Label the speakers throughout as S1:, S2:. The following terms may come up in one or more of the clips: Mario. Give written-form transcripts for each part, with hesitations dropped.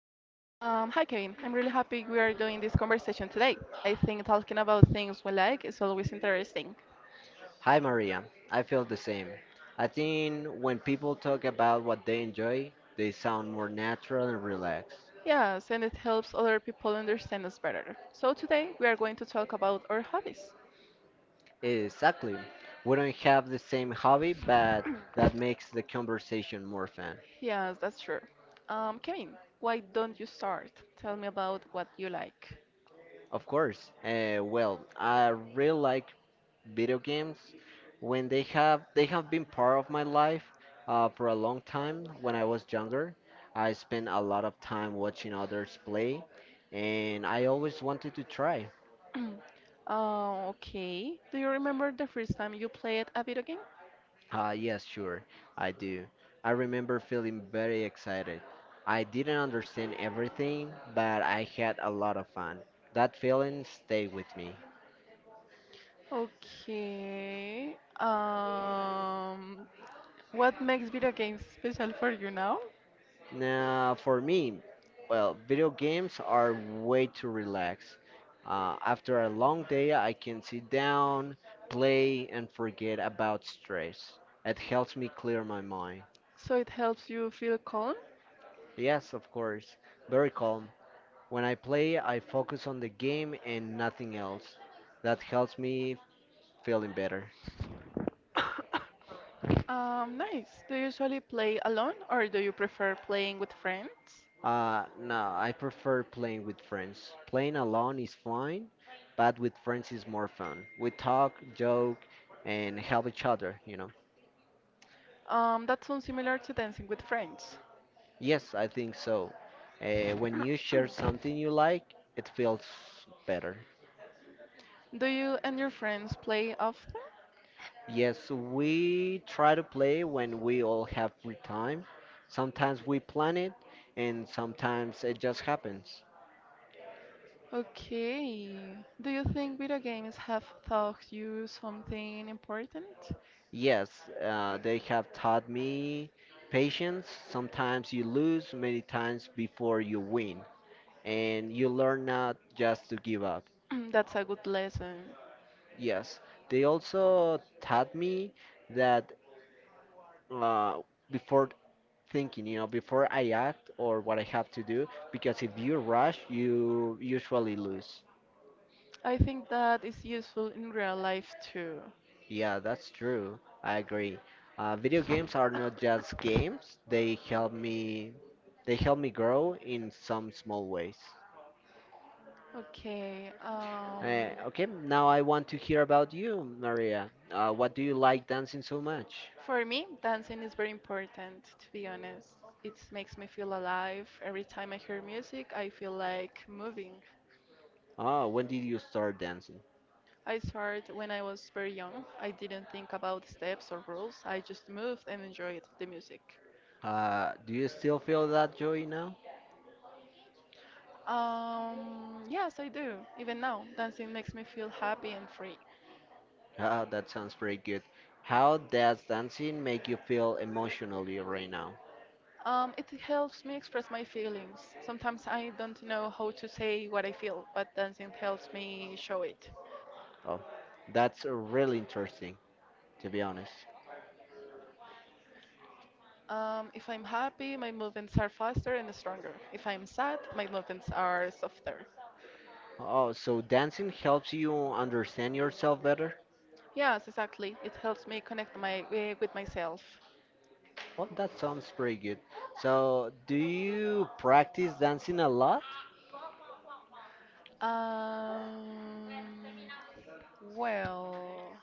S1: Hi, Kevin. I'm really happy we are doing this conversation today. I think talking about things we like is always interesting.
S2: Hi Maria, I feel the same. I think when people talk about what they enjoy, they sound more natural and relaxed.
S1: Yes, and it helps other people understand us better. So today we are going to talk about our hobbies.
S2: Exactly. We don't have the same hobby, but that makes the conversation more fun.
S1: Yes, that's true. Kevin, why don't you start? Tell me about what you like.
S2: Of course. Well, I really like video games. When they have been part of my life for a long time. When I was younger, I spent a lot of time watching others play, and I always wanted to try.
S1: Oh, okay. Do you remember the first time you played a video game?
S2: Yes, sure, I do. I remember feeling very excited. I didn't understand everything, but I had a lot of fun. That feeling stayed with me.
S1: Okay. What makes video games special for you now?
S2: Now, for me, well, video games are way to relax. After a long day, I can sit down, play, and forget about stress. It helps me clear my mind.
S1: So it helps you feel calm?
S2: Yes, of course, very calm. When I play, I focus on the game and nothing else. That helps me feeling better.
S1: Nice. Do you usually play alone or do you prefer playing with friends?
S2: No, I prefer playing with friends. Playing alone is fine, but with friends is more fun. We talk, joke, and help each other.
S1: That sounds similar to dancing with friends.
S2: Yes, I think so. When you share something you like, it feels better.
S1: Do you and your friends play often?
S2: Yes, we try to play when we all have free time. Sometimes we plan it, and sometimes it just happens.
S1: Okay. Do you think video games have taught you something important?
S2: Yes, they have taught me patience. Sometimes you lose, many times before you win, and you learn not just to give up.
S1: That's a good lesson.
S2: Yes, they also taught me that uh, before thinking, before I act or what I have to do, because if you rush, you usually lose.
S1: I think that is useful in real life too.
S2: Yeah, that's true. I agree. Video games are not just games. They help me grow in some small ways.
S1: Okay.
S2: Okay, now I want to hear about you, Maria. What do you like dancing so much?
S1: For me, dancing is very important, to be honest. It makes me feel alive. Every time I hear music, I feel like moving.
S2: Oh, when did you start dancing?
S1: I started when I was very young. I didn't think about steps or rules. I just moved and enjoyed the music.
S2: Do you still feel that joy now?
S1: Yes, I do. Even now, dancing makes me feel happy and free.
S2: Ah, that sounds pretty good. How does dancing make you feel emotionally right now?
S1: It helps me express my feelings. Sometimes I don't know how to say what I feel, but dancing helps me show it.
S2: Oh, that's really interesting, to be honest.
S1: If I'm happy, my movements are faster and stronger. If I'm sad, my movements are softer.
S2: Oh, so dancing helps you understand yourself better?
S1: Yes, exactly. It helps me connect my with myself.
S2: Well, that sounds pretty good. So, do you practice dancing a lot?
S1: Um, well,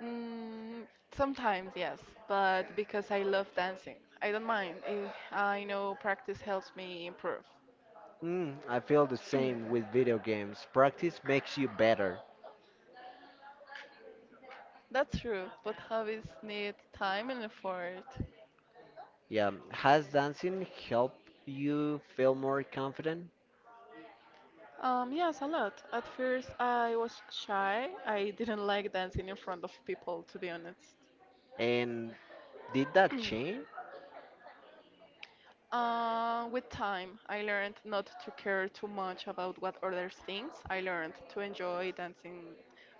S1: mm, Sometimes yes, but because I love dancing, I don't mind. I know practice helps me improve.
S2: I feel the same with video games. Practice makes you better.
S1: That's true, but hobbies need time and effort.
S2: Yeah. Has dancing helped you feel more confident?
S1: Yes, a lot. At first, I was shy. I didn't like dancing in front of people, to be honest.
S2: And did that change?
S1: With time, I learned not to care too much about what others think. I learned to enjoy dancing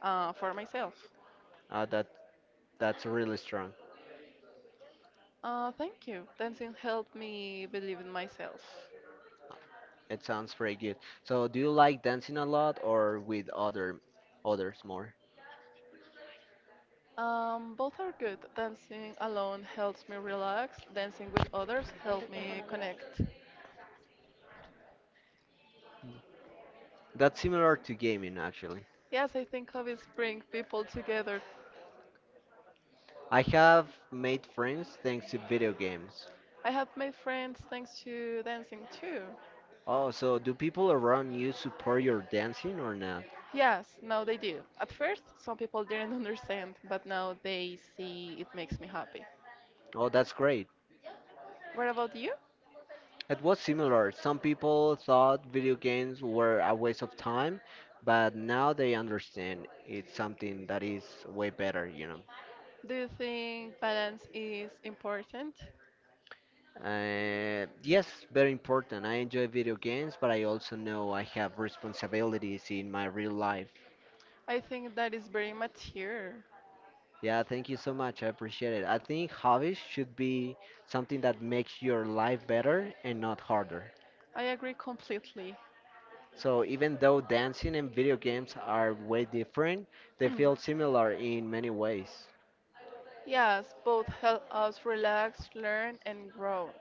S1: for myself.
S2: Uh, that that's really strong.
S1: Thank you. Dancing helped me believe in myself.
S2: It sounds pretty good. So, do you like dancing a lot or with others more?
S1: Both are good. Dancing alone helps me relax. Dancing with others helps me connect.
S2: That's similar to gaming actually.
S1: Yes, I think hobbies bring people together.
S2: I have made friends thanks to video games.
S1: I have made friends thanks to dancing too.
S2: Oh, so do people around you support your dancing or not?
S1: Yes, now they do. At first, some people didn't understand, but now they see it makes me happy.
S2: Oh, that's great.
S1: What about you?
S2: It was similar. Some people thought video games were a waste of time, but now they understand it's something that is way better.
S1: Do you think balance is important?
S2: Yes, very important. I enjoy video games, but I also know I have responsibilities in my real life.
S1: I think that is very mature.
S2: Yeah, thank you so much. I appreciate it. I think hobbies should be something that makes your life better and not harder.
S1: I agree completely.
S2: So even though dancing and video games are way different, they feel similar in many ways.
S1: Yes, both help us relax, learn, and grow.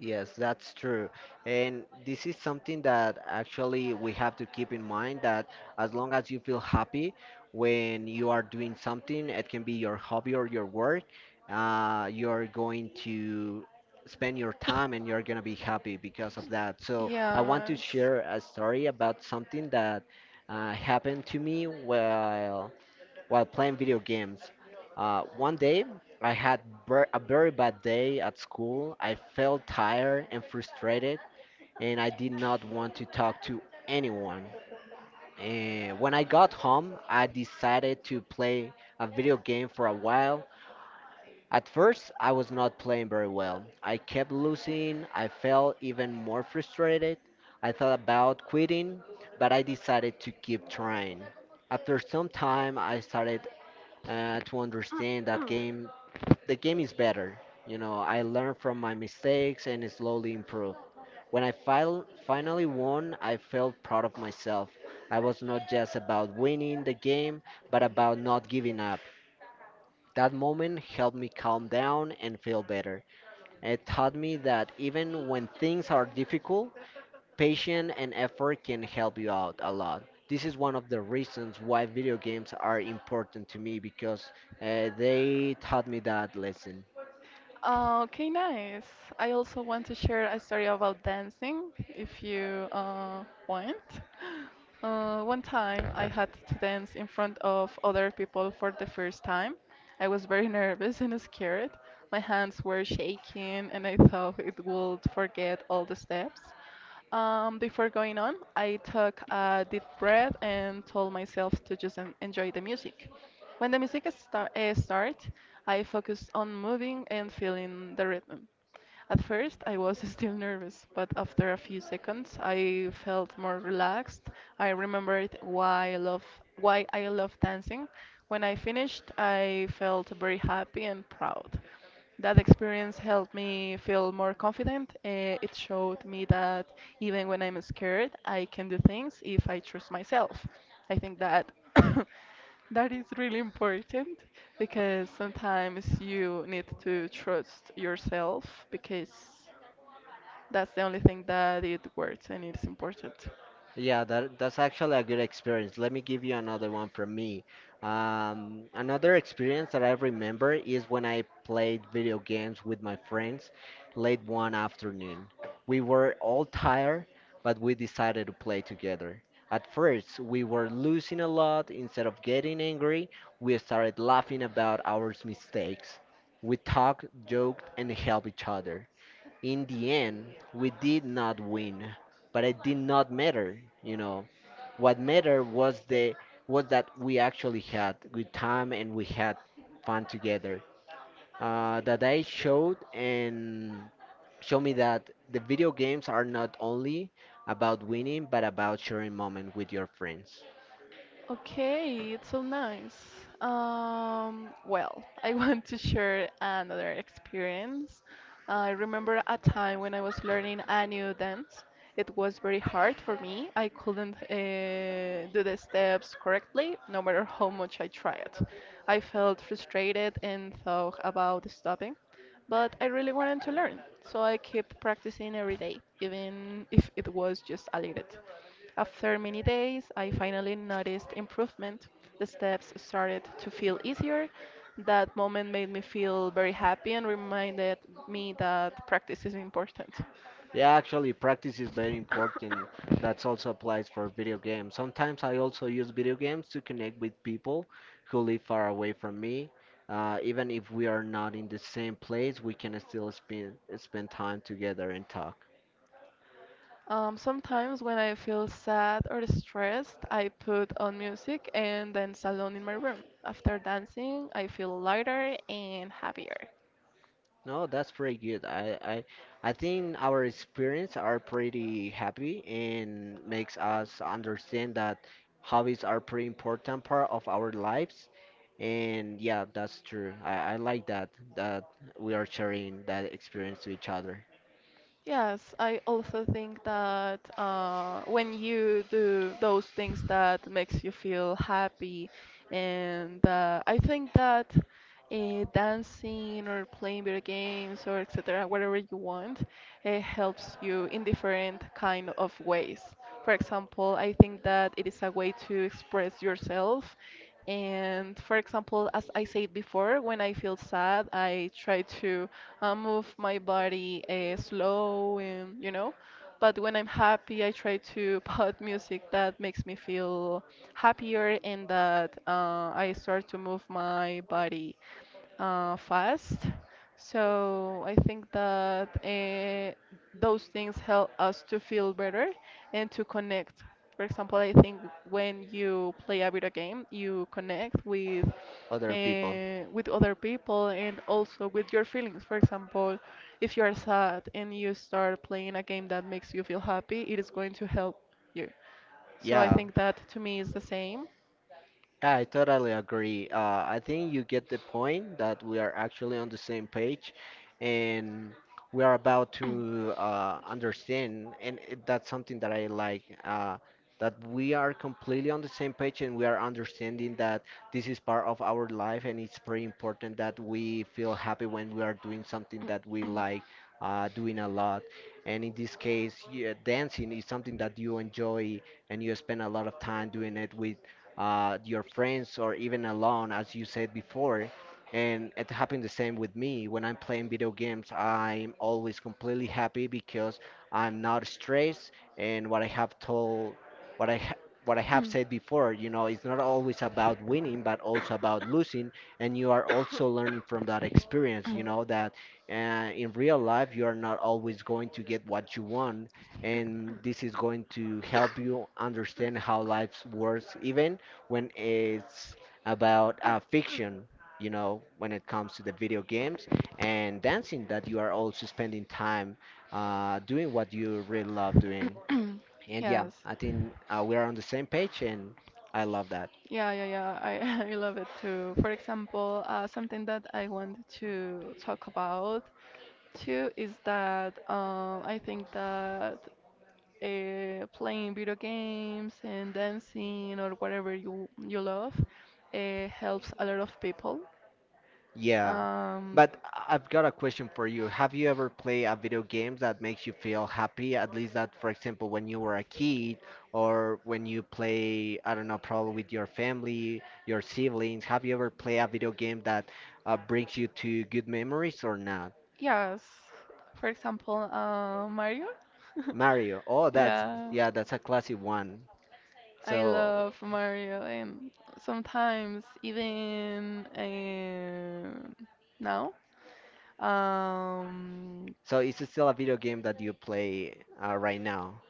S2: Yes, that's true. And this is something that actually we have to keep in mind that as long as you feel happy when you are doing something, it can be your hobby or your work, you're going to spend your time and you're going to be happy because of that. So I want to
S1: Yes.
S2: share a story about something that happened to me while playing video games. One day, I had a very bad day at school. I felt tired and frustrated, and I did not want to talk to anyone. And when I got home, I decided to play a video game for a while. At first, I was not playing very well. I kept losing. I felt even more frustrated. I thought about quitting, but I decided to keep trying. After some time, I started to understand that game. The game is better. I learn from my mistakes and slowly improve. When I finally won, I felt proud of myself. I was not just about winning the game, but about not giving up. That moment helped me calm down and feel better. It taught me that even when things are difficult, patience and effort can help you out a lot. This is one of the reasons why video games are important to me because they taught me that lesson.
S1: Okay, nice. I also want to share a story about dancing, if you want. One time I had to dance in front of other people for the first time. I was very nervous and scared. My hands were shaking, and I thought it would forget all the steps. Before going on, I took a deep breath and told myself to just enjoy the music. When the music started, I focused on moving and feeling the rhythm. At first, I was still nervous, but after a few seconds, I felt more relaxed. I remembered why I love dancing. When I finished, I felt very happy and proud. That experience helped me feel more confident. It showed me that even when I'm scared, I can do things if I trust myself. I think that that is really important because sometimes you need to trust yourself because that's the only thing that it works and it's important.
S2: Yeah, that's actually a good experience. Let me give you another one from me. Another experience that I remember is when I played video games with my friends late one afternoon. We were all tired, but we decided to play together. At first, we were losing a lot. Instead of getting angry, we started laughing about our mistakes. We talked, joked, and helped each other. In the end, we did not win, but it did not matter. What mattered was that we actually had good time and we had fun together. That I showed and showed me that the video games are not only about winning, but about sharing moment with your friends.
S1: Okay, it's so nice. I want to share another experience. I remember a time when I was learning a new dance. It was very hard for me. I couldn't do the steps correctly, no matter how much I tried. I felt frustrated and thought about stopping, but I really wanted to learn, so I kept practicing every day, even if it was just a little. After many days, I finally noticed improvement. The steps started to feel easier. That moment made me feel very happy and reminded me that practice is important.
S2: Yeah, actually, practice is very important. That also applies for video games. Sometimes I also use video games to connect with people who live far away from me. Even if we are not in the same place, we can still spend time together and talk.
S1: Sometimes when I feel sad or stressed, I put on music and dance alone in my room. After dancing, I feel lighter and happier.
S2: No, that's pretty good. I think our experience are pretty happy and makes us understand that hobbies are pretty important part of our lives. And yeah, that's true. I like that we are sharing that experience to each other,
S1: Yes, I also think that when you do those things that makes you feel happy, and I think that dancing or playing video games or etc., whatever you want, it helps you in different kind of ways. For example, I think that it is a way to express yourself. And for example, as I said before, when I feel sad, I try to move my body slow and. But when I'm happy, I try to put music that makes me feel happier and that I start to move my body fast. So I think that those things help us to feel better and to connect. For example, I think when you play a video game, you connect
S2: other people.
S1: with other people and also with your feelings. For example, if you are sad and you start playing a game that makes you feel happy, it is going to help you. So I
S2: Yeah,
S1: think that to me is the same.
S2: yeah, I totally agree. I think you get the point that we are actually on the same page and we are about to understand, and that's something that I like, that we are completely on the same page and we are understanding that this is part of our life and it's very important that we feel happy when we are doing something that we like doing a lot. And in this case, yeah, dancing is something that you enjoy and you spend a lot of time doing it with your friends, or even alone, as you said before. And it happened the same with me. When I'm playing video games, I'm always completely happy because I'm not stressed. And what I have told, what I ha- what I have said before, it's not always about winning, but also about losing. And you are also learning from that experience. You know that in real life, you are not always going to get what you want, and this is going to help you understand how life works, even when it's about fiction, when it comes to the video games and dancing, that you are also spending time doing what you really love doing. And yeah,
S1: Yes.
S2: I think we are on the same page, and I love that.
S1: Yeah, yeah, yeah. I I love it too. For example, something that I want to talk about too is that I think that playing video games and dancing or whatever you love helps a lot of people.
S2: Yeah,
S1: Um,
S2: but I've got a question for you. Have you ever played a video game that makes you feel happy? At least that, for example, when you were a kid or when you play, I don't know, probably with your family, your siblings. Have you ever played a video game that brings you to good memories or not?
S1: yes. For example, Mario.
S2: Mario. Oh,
S1: Yeah.
S2: yeah, that's a classic one.
S1: I
S2: So,
S1: love Mario, and sometimes even now. Um,
S2: so, it's still a video game that you play right now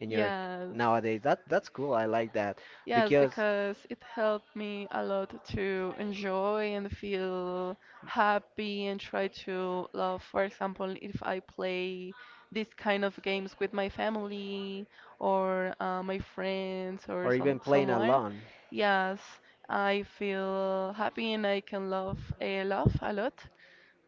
S2: in your
S1: yes,
S2: nowadays. That's cool. I like that
S1: yes,
S2: because.
S1: because it helped me a lot to enjoy and feel happy and try to love. For example, if I play these kind of games with my family or my friends or
S2: Or even playing
S1: someone,
S2: alone.
S1: yes, I feel happy and I can love a lot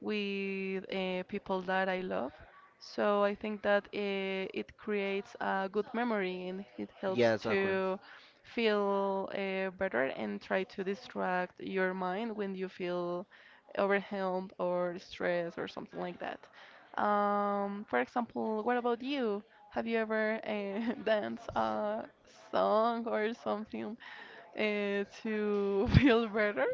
S1: with people that I love. So I think that it creates a good memory and it helps
S2: Yeah, exactly.
S1: to feel better and try to distract your mind when you feel overwhelmed or stressed or something like that. For example, what about you? Have you ever danced a song or something to feel better?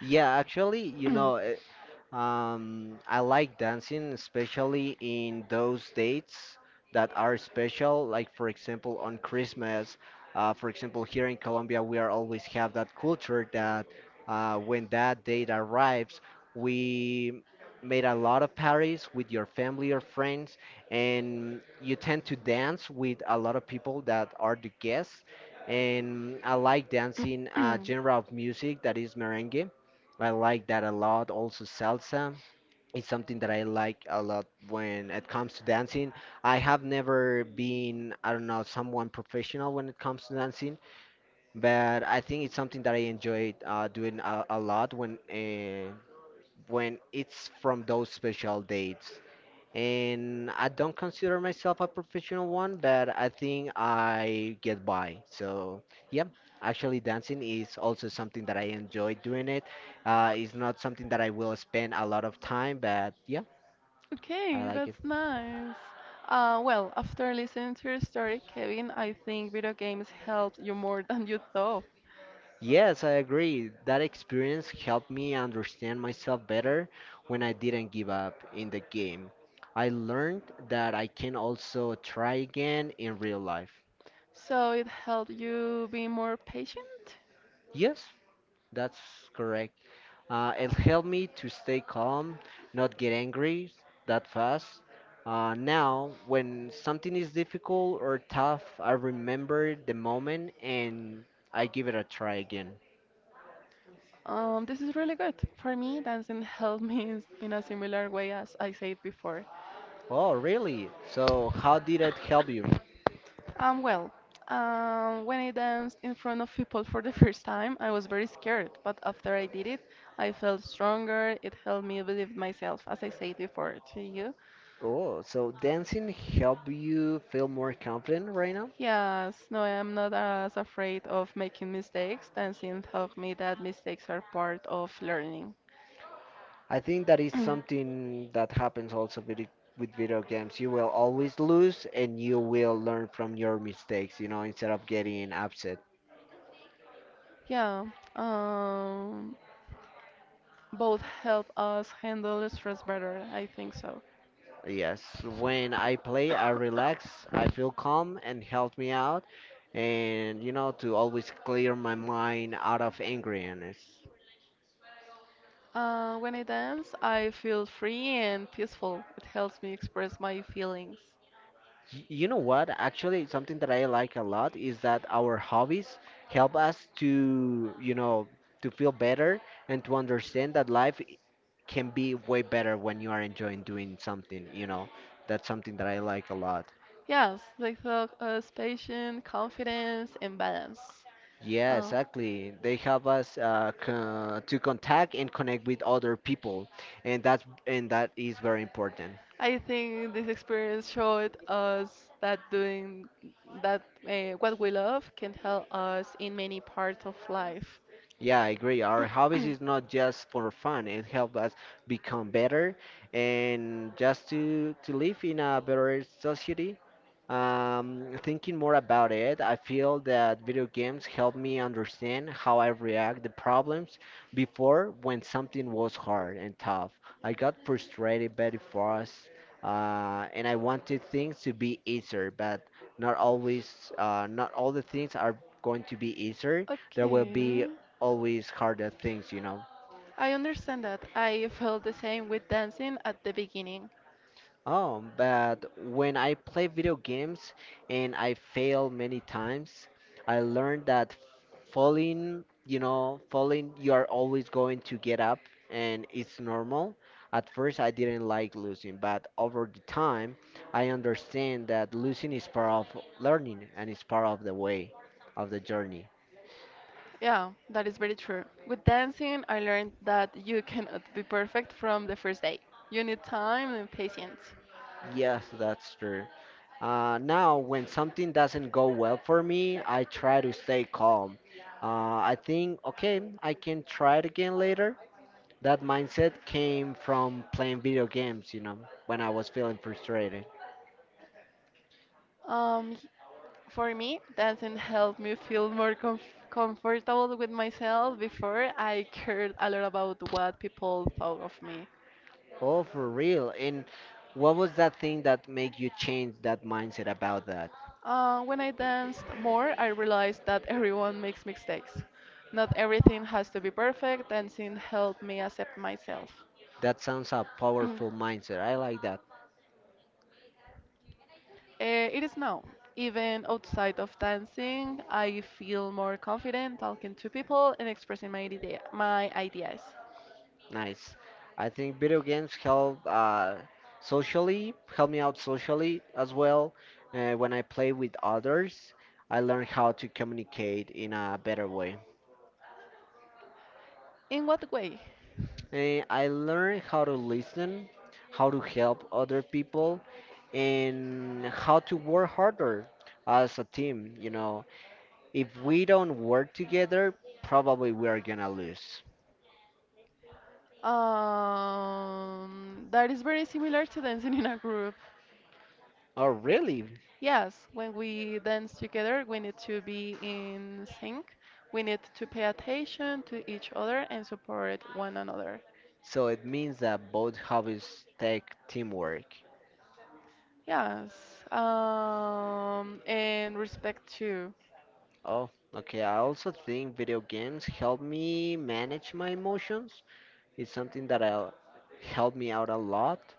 S2: Yeah, actually, I like dancing, especially in those dates that are special, like for example on Christmas. For example, here in Colombia, we are always have that culture that when that date arrives, we made a lot of parties with your family or friends, and you tend to dance with a lot of people that are the guests. And I like dancing a genre of music that is merengue. I like that a lot. Also, salsa is something that I like a lot when it comes to dancing. I have never been, I don't know, someone professional when it comes to dancing, but I think it's something that I enjoy doing a lot when it's from those special dates and I don't consider myself a professional one, but I think I get by. So yeah, actually dancing is also something that I enjoy doing it. It's not something that I will spend a lot of time, but yeah, I
S1: Okay,
S2: like it.
S1: that's nice. After listening to your story, Kevin, I think video games helped you more than you thought.
S2: Yes, I agree. That experience helped me understand myself better when I didn't give up in the game. I learned that I can also try again in real life.
S1: So it helped you be more patient.
S2: Yes, that's correct. And help me to stay calm, not get angry that fast. Now, when something is difficult or tough, I remember the moment and I give it a try again.
S1: This is really good. For me, dancing helped me in a similar way as I said before.
S2: Oh, really? So, how did it help you?
S1: Um, well, when I danced in front of people for the first time, I was very scared, but after I did it, I felt stronger. It helped me believe myself, as I said before to you.
S2: Oh, so dancing help you feel more confident right now?
S1: Yes, no, I'm not as afraid of making mistakes. Dancing taught me that mistakes are part of learning.
S2: I think that is something that happens also with with video games. You will always lose and you will learn from your mistakes, instead of getting upset.
S1: Yeah, um, both help us handle stress better, I think so.
S2: Yes, when I play, I relax, I feel calm and help me out, and to always clear my mind out of angriness.
S1: When I dance, I feel free and peaceful. It helps me express my feelings.
S2: You know what? Actually, something that I like a lot is that our hobbies help us to, to feel better and to understand that life can be way better when you are enjoying doing something. That's something that I like a lot.
S1: Yes, they talk us patience, confidence, and balance.
S2: Yeah,
S1: Um,
S2: exactly. They help us to contact and connect with other people, and that is very important.
S1: I think this experience showed us that doing that what we love can help us in many parts of life.
S2: Yeah, I agree. Our hobbies is not just for fun. It helps us become better and just to live in a better society. Thinking more about it, I feel that video games help me understand how I react to problems before when something was hard and tough. I got frustrated very fast, and I wanted things to be easier, but not always, not all the things are going to be easier. There will
S1: Okay,
S2: be always harder things, you know.
S1: I understand that. I felt the same with dancing at the beginning.
S2: Oh, but when I play video games and I fail many times, I learned that falling, falling, you are always going to get up and it's normal. At first, I didn't like losing, but over the time, I understand that losing is part of learning and it's part of the way of the journey.
S1: Yeah, that is very true. With dancing, I learned that you cannot be perfect from the first day. You need time and patience.
S2: Yes, that's true. Now, when something doesn't go well for me, I try to stay calm. Uh, I think, okay, I can try it again later. That mindset came from playing video games, when I was feeling frustrated.
S1: Um, for me, dancing helped me feel more comfortable with myself before I cared a lot about what people thought of me.
S2: Oh, for real. And what was that thing that made you change that mindset about that?
S1: When I danced more, I realized that everyone makes mistakes. Not everything has to be perfect. Dancing helped me accept myself.
S2: That sounds a powerful mindset. I like that.
S1: It is now. Even outside of dancing, I feel more confident talking to people and expressing my ideas.
S2: Nice. I think video games help socially, help me out socially as well. When I play with others, I learn how to communicate in a better way.
S1: In what way?
S2: I learn how to listen, how to help other people, and how to work harder as a team. You know, if we don't work together, probably we are gonna lose.
S1: That is very similar to dancing in a group.
S2: Oh, really?
S1: Yes, when we dance together, we need to be in sync. We need to pay attention to each other and support one another.
S2: So it means that both hobbies take teamwork.
S1: Yes, and respect too.
S2: Oh, okay. I also think video games help me manage my emotions. It's something that help me out a lot.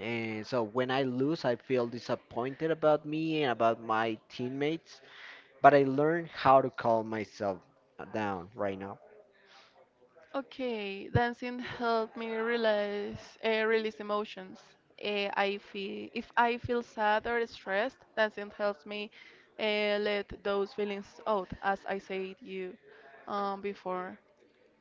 S2: And so when I lose, I feel disappointed about me and about my teammates, but I learn how to calm myself down right now.
S1: Okay, dancing helped me release emotions. I feel If I feel sad or stressed, dancing helps me let those feelings out, as I said you before.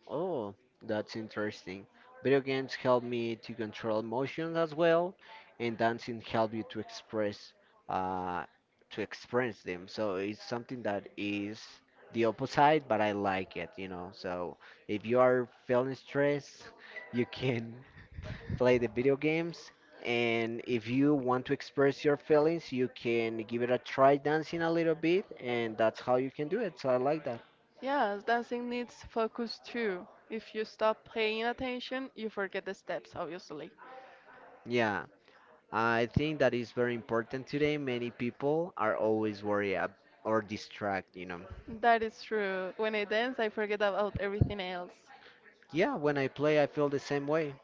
S2: Oh, that's interesting. Video games help me to control emotions as well, and dancing help you uh to express them. So it's something that is the opposite, but I like it, you know. So if you are feeling stressed, you can play the video games, and if you want to express your feelings, you can give it a try dancing a little bit, and that's how you can do it. So I like that.
S1: Yes, dancing needs focus too. If you stop paying attention, you forget the steps, obviously.
S2: Yeah. I think that is very important today. Many people are always worried or distract, you know.
S1: That is true. When I dance, I forget about everything else.
S2: Yeah, when I play, I feel the same way.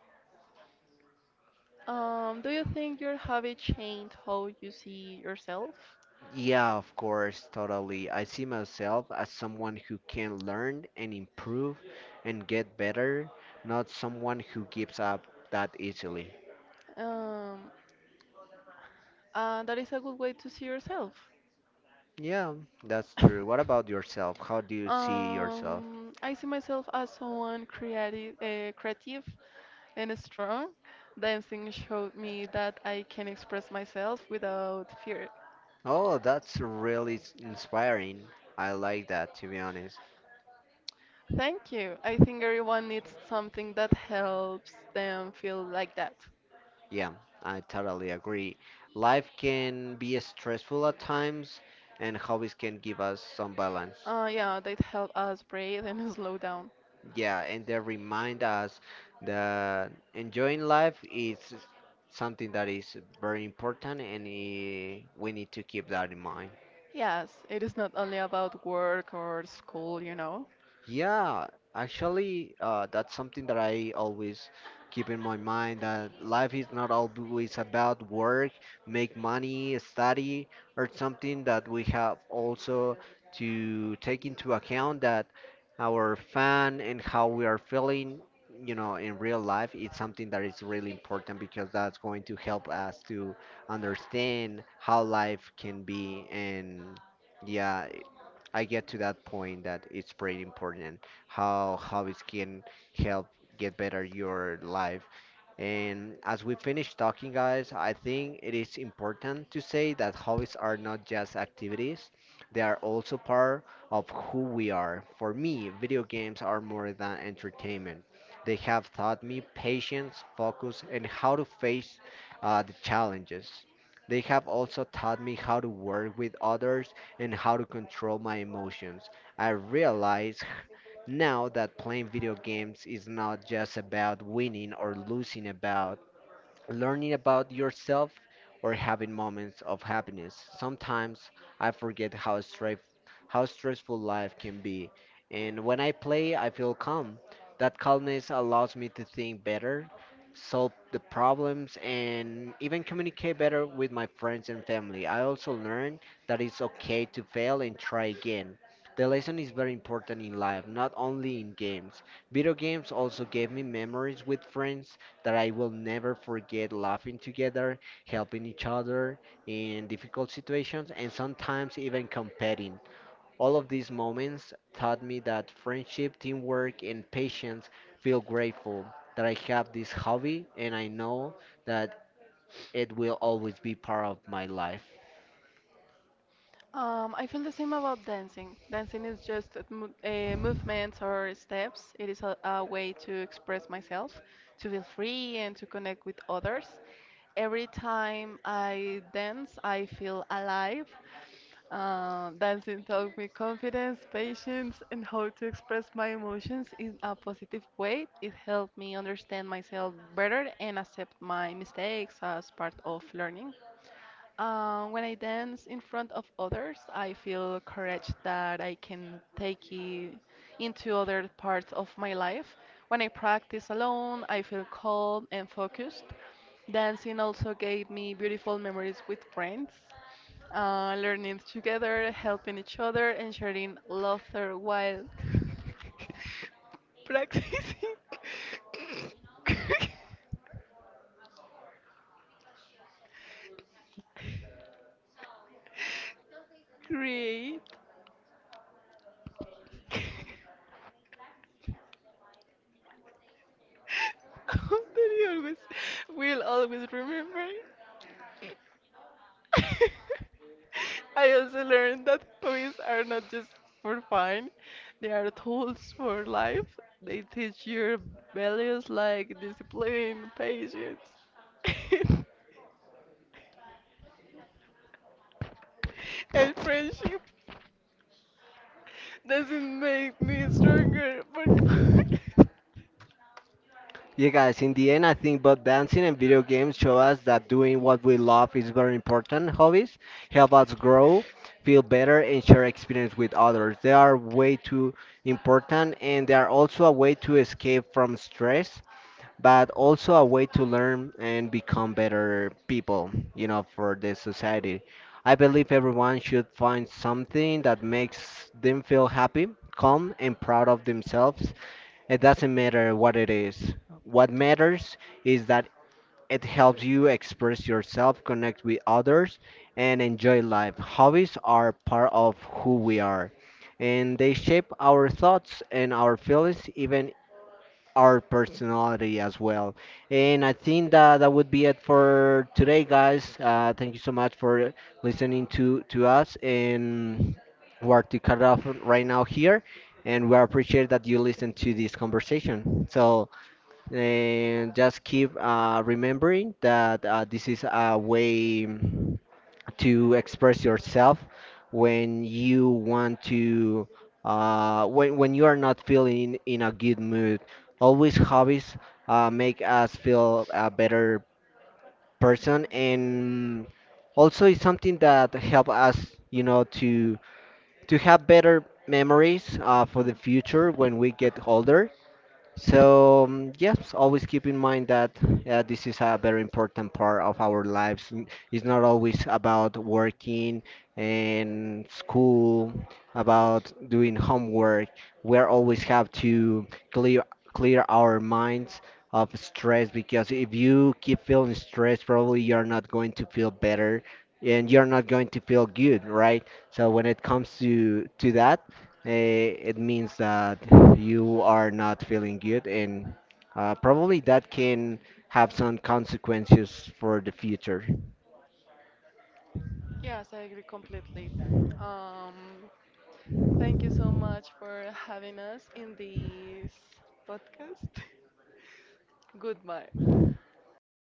S1: Do you think your hobby changed how you see yourself?
S2: Yeah, of course, totally. I see myself as someone who can learn and improve and get better, not someone who gives up that easily.
S1: Um, that is a good way to see yourself.
S2: Yeah, that's true. What about yourself? How do you see yourself?
S1: I see myself as someone creative and strong. Dancing showed me that I can express myself without fear.
S2: Oh, that's really inspiring. I like that, to be honest.
S1: Thank you. I think everyone needs something that helps them feel like that.
S2: Yeah, I totally agree. Life can be stressful at times, and hobbies can give us some balance.
S1: Yeah, that help us breathe and slow down.
S2: Yeah, and they remind us that enjoying life is something that is very important, and we need to keep that in mind.
S1: Yes, it is not only about work or school, you know.
S2: Yeah, actually, that's something that I always keep in my mind that life is not always about work, make money, study, or something that we have also to take into account that our fan and how we are feeling, in real life, it's something that is really important because that's going to help us to understand how life can be and yeah, I get to that point that it's pretty important how hobbies can help get better your life. And as we finish talking, guys, I think it is important to say that hobbies are not just activities, they are also part of who we are. For me, video games are more than entertainment. They have taught me patience, focus, and how to face the challenges. They have also taught me how to work with others and how to control my emotions. I realize now that playing video games is not just about winning or losing about learning about yourself, or having moments of happiness. Sometimes I forget how stressful life can be, and when I play, I feel calm. That calmness allows me to think better, solve the problems, and even communicate better with my friends and family. I also learn that it's okay to fail and try again. The lesson is very important in life, not only in games. Video games also gave me memories with friends that I will never forget laughing together, helping each other in difficult situations, and sometimes even competing. All of these moments taught me that friendship, teamwork, and patience feel grateful that I have this hobby and I know that it will always be part of my life.
S1: I feel the same about dancing. Dancing is just a movements or steps. It is a way to express myself, to feel free and to connect with others. Every time I dance, I feel alive. Dancing taught me confidence, patience, and how to express my emotions in a positive way. It helped me understand myself better and accept my mistakes as part of learning. When I dance in front of others, I feel courage that I can take it into other parts of my life. When I practice alone, I feel calm and focused. Dancing also gave me beautiful memories with friends, learning together, helping each other, and sharing laughter while practicing. Create. That you always will always remember. I also learned that hobbies are not just for fun, they are tools for life. They teach your values like discipline, patience, and friendship. Doesn't make me stronger, but
S2: Yeah, guys, in the end, I think both dancing and video games show us that doing what we love is very important. Hobbies help us grow, feel better, and share experience with others. They are way too important, and they are also a way to escape from stress, but also a way to learn and become better people, for the society. I believe everyone should find something that makes them feel happy, calm, and proud of themselves it doesn't matter what it is. What matters is that it helps you express yourself, connect with others, and enjoy life. Hobbies are part of who we are, and they shape our thoughts and our feelings, even our personality as well. And I think that that would be it for today, guys. Thank you so much for listening to us and we are to cut off right now here. And we appreciate that you listen to this conversation. So, and just keep remembering that this is a way to express yourself when you want to when you are not feeling in a good mood. Always hobbies make us feel a better person, and also it's something that help us, to have better memories for the future when we get older. So, yes, always keep in mind that this is a very important part of our lives. It's not always about working and school, about doing homework. We always have to clear clear our minds of stress because if you keep feeling stressed, probably you're not going to feel better and you're not going to feel good, right? So when it comes to that, it means that you are not feeling good, and probably that can have some consequences for the future.
S1: yes, I agree completely. Um, thank you so much for having us in this podcast. Goodbye.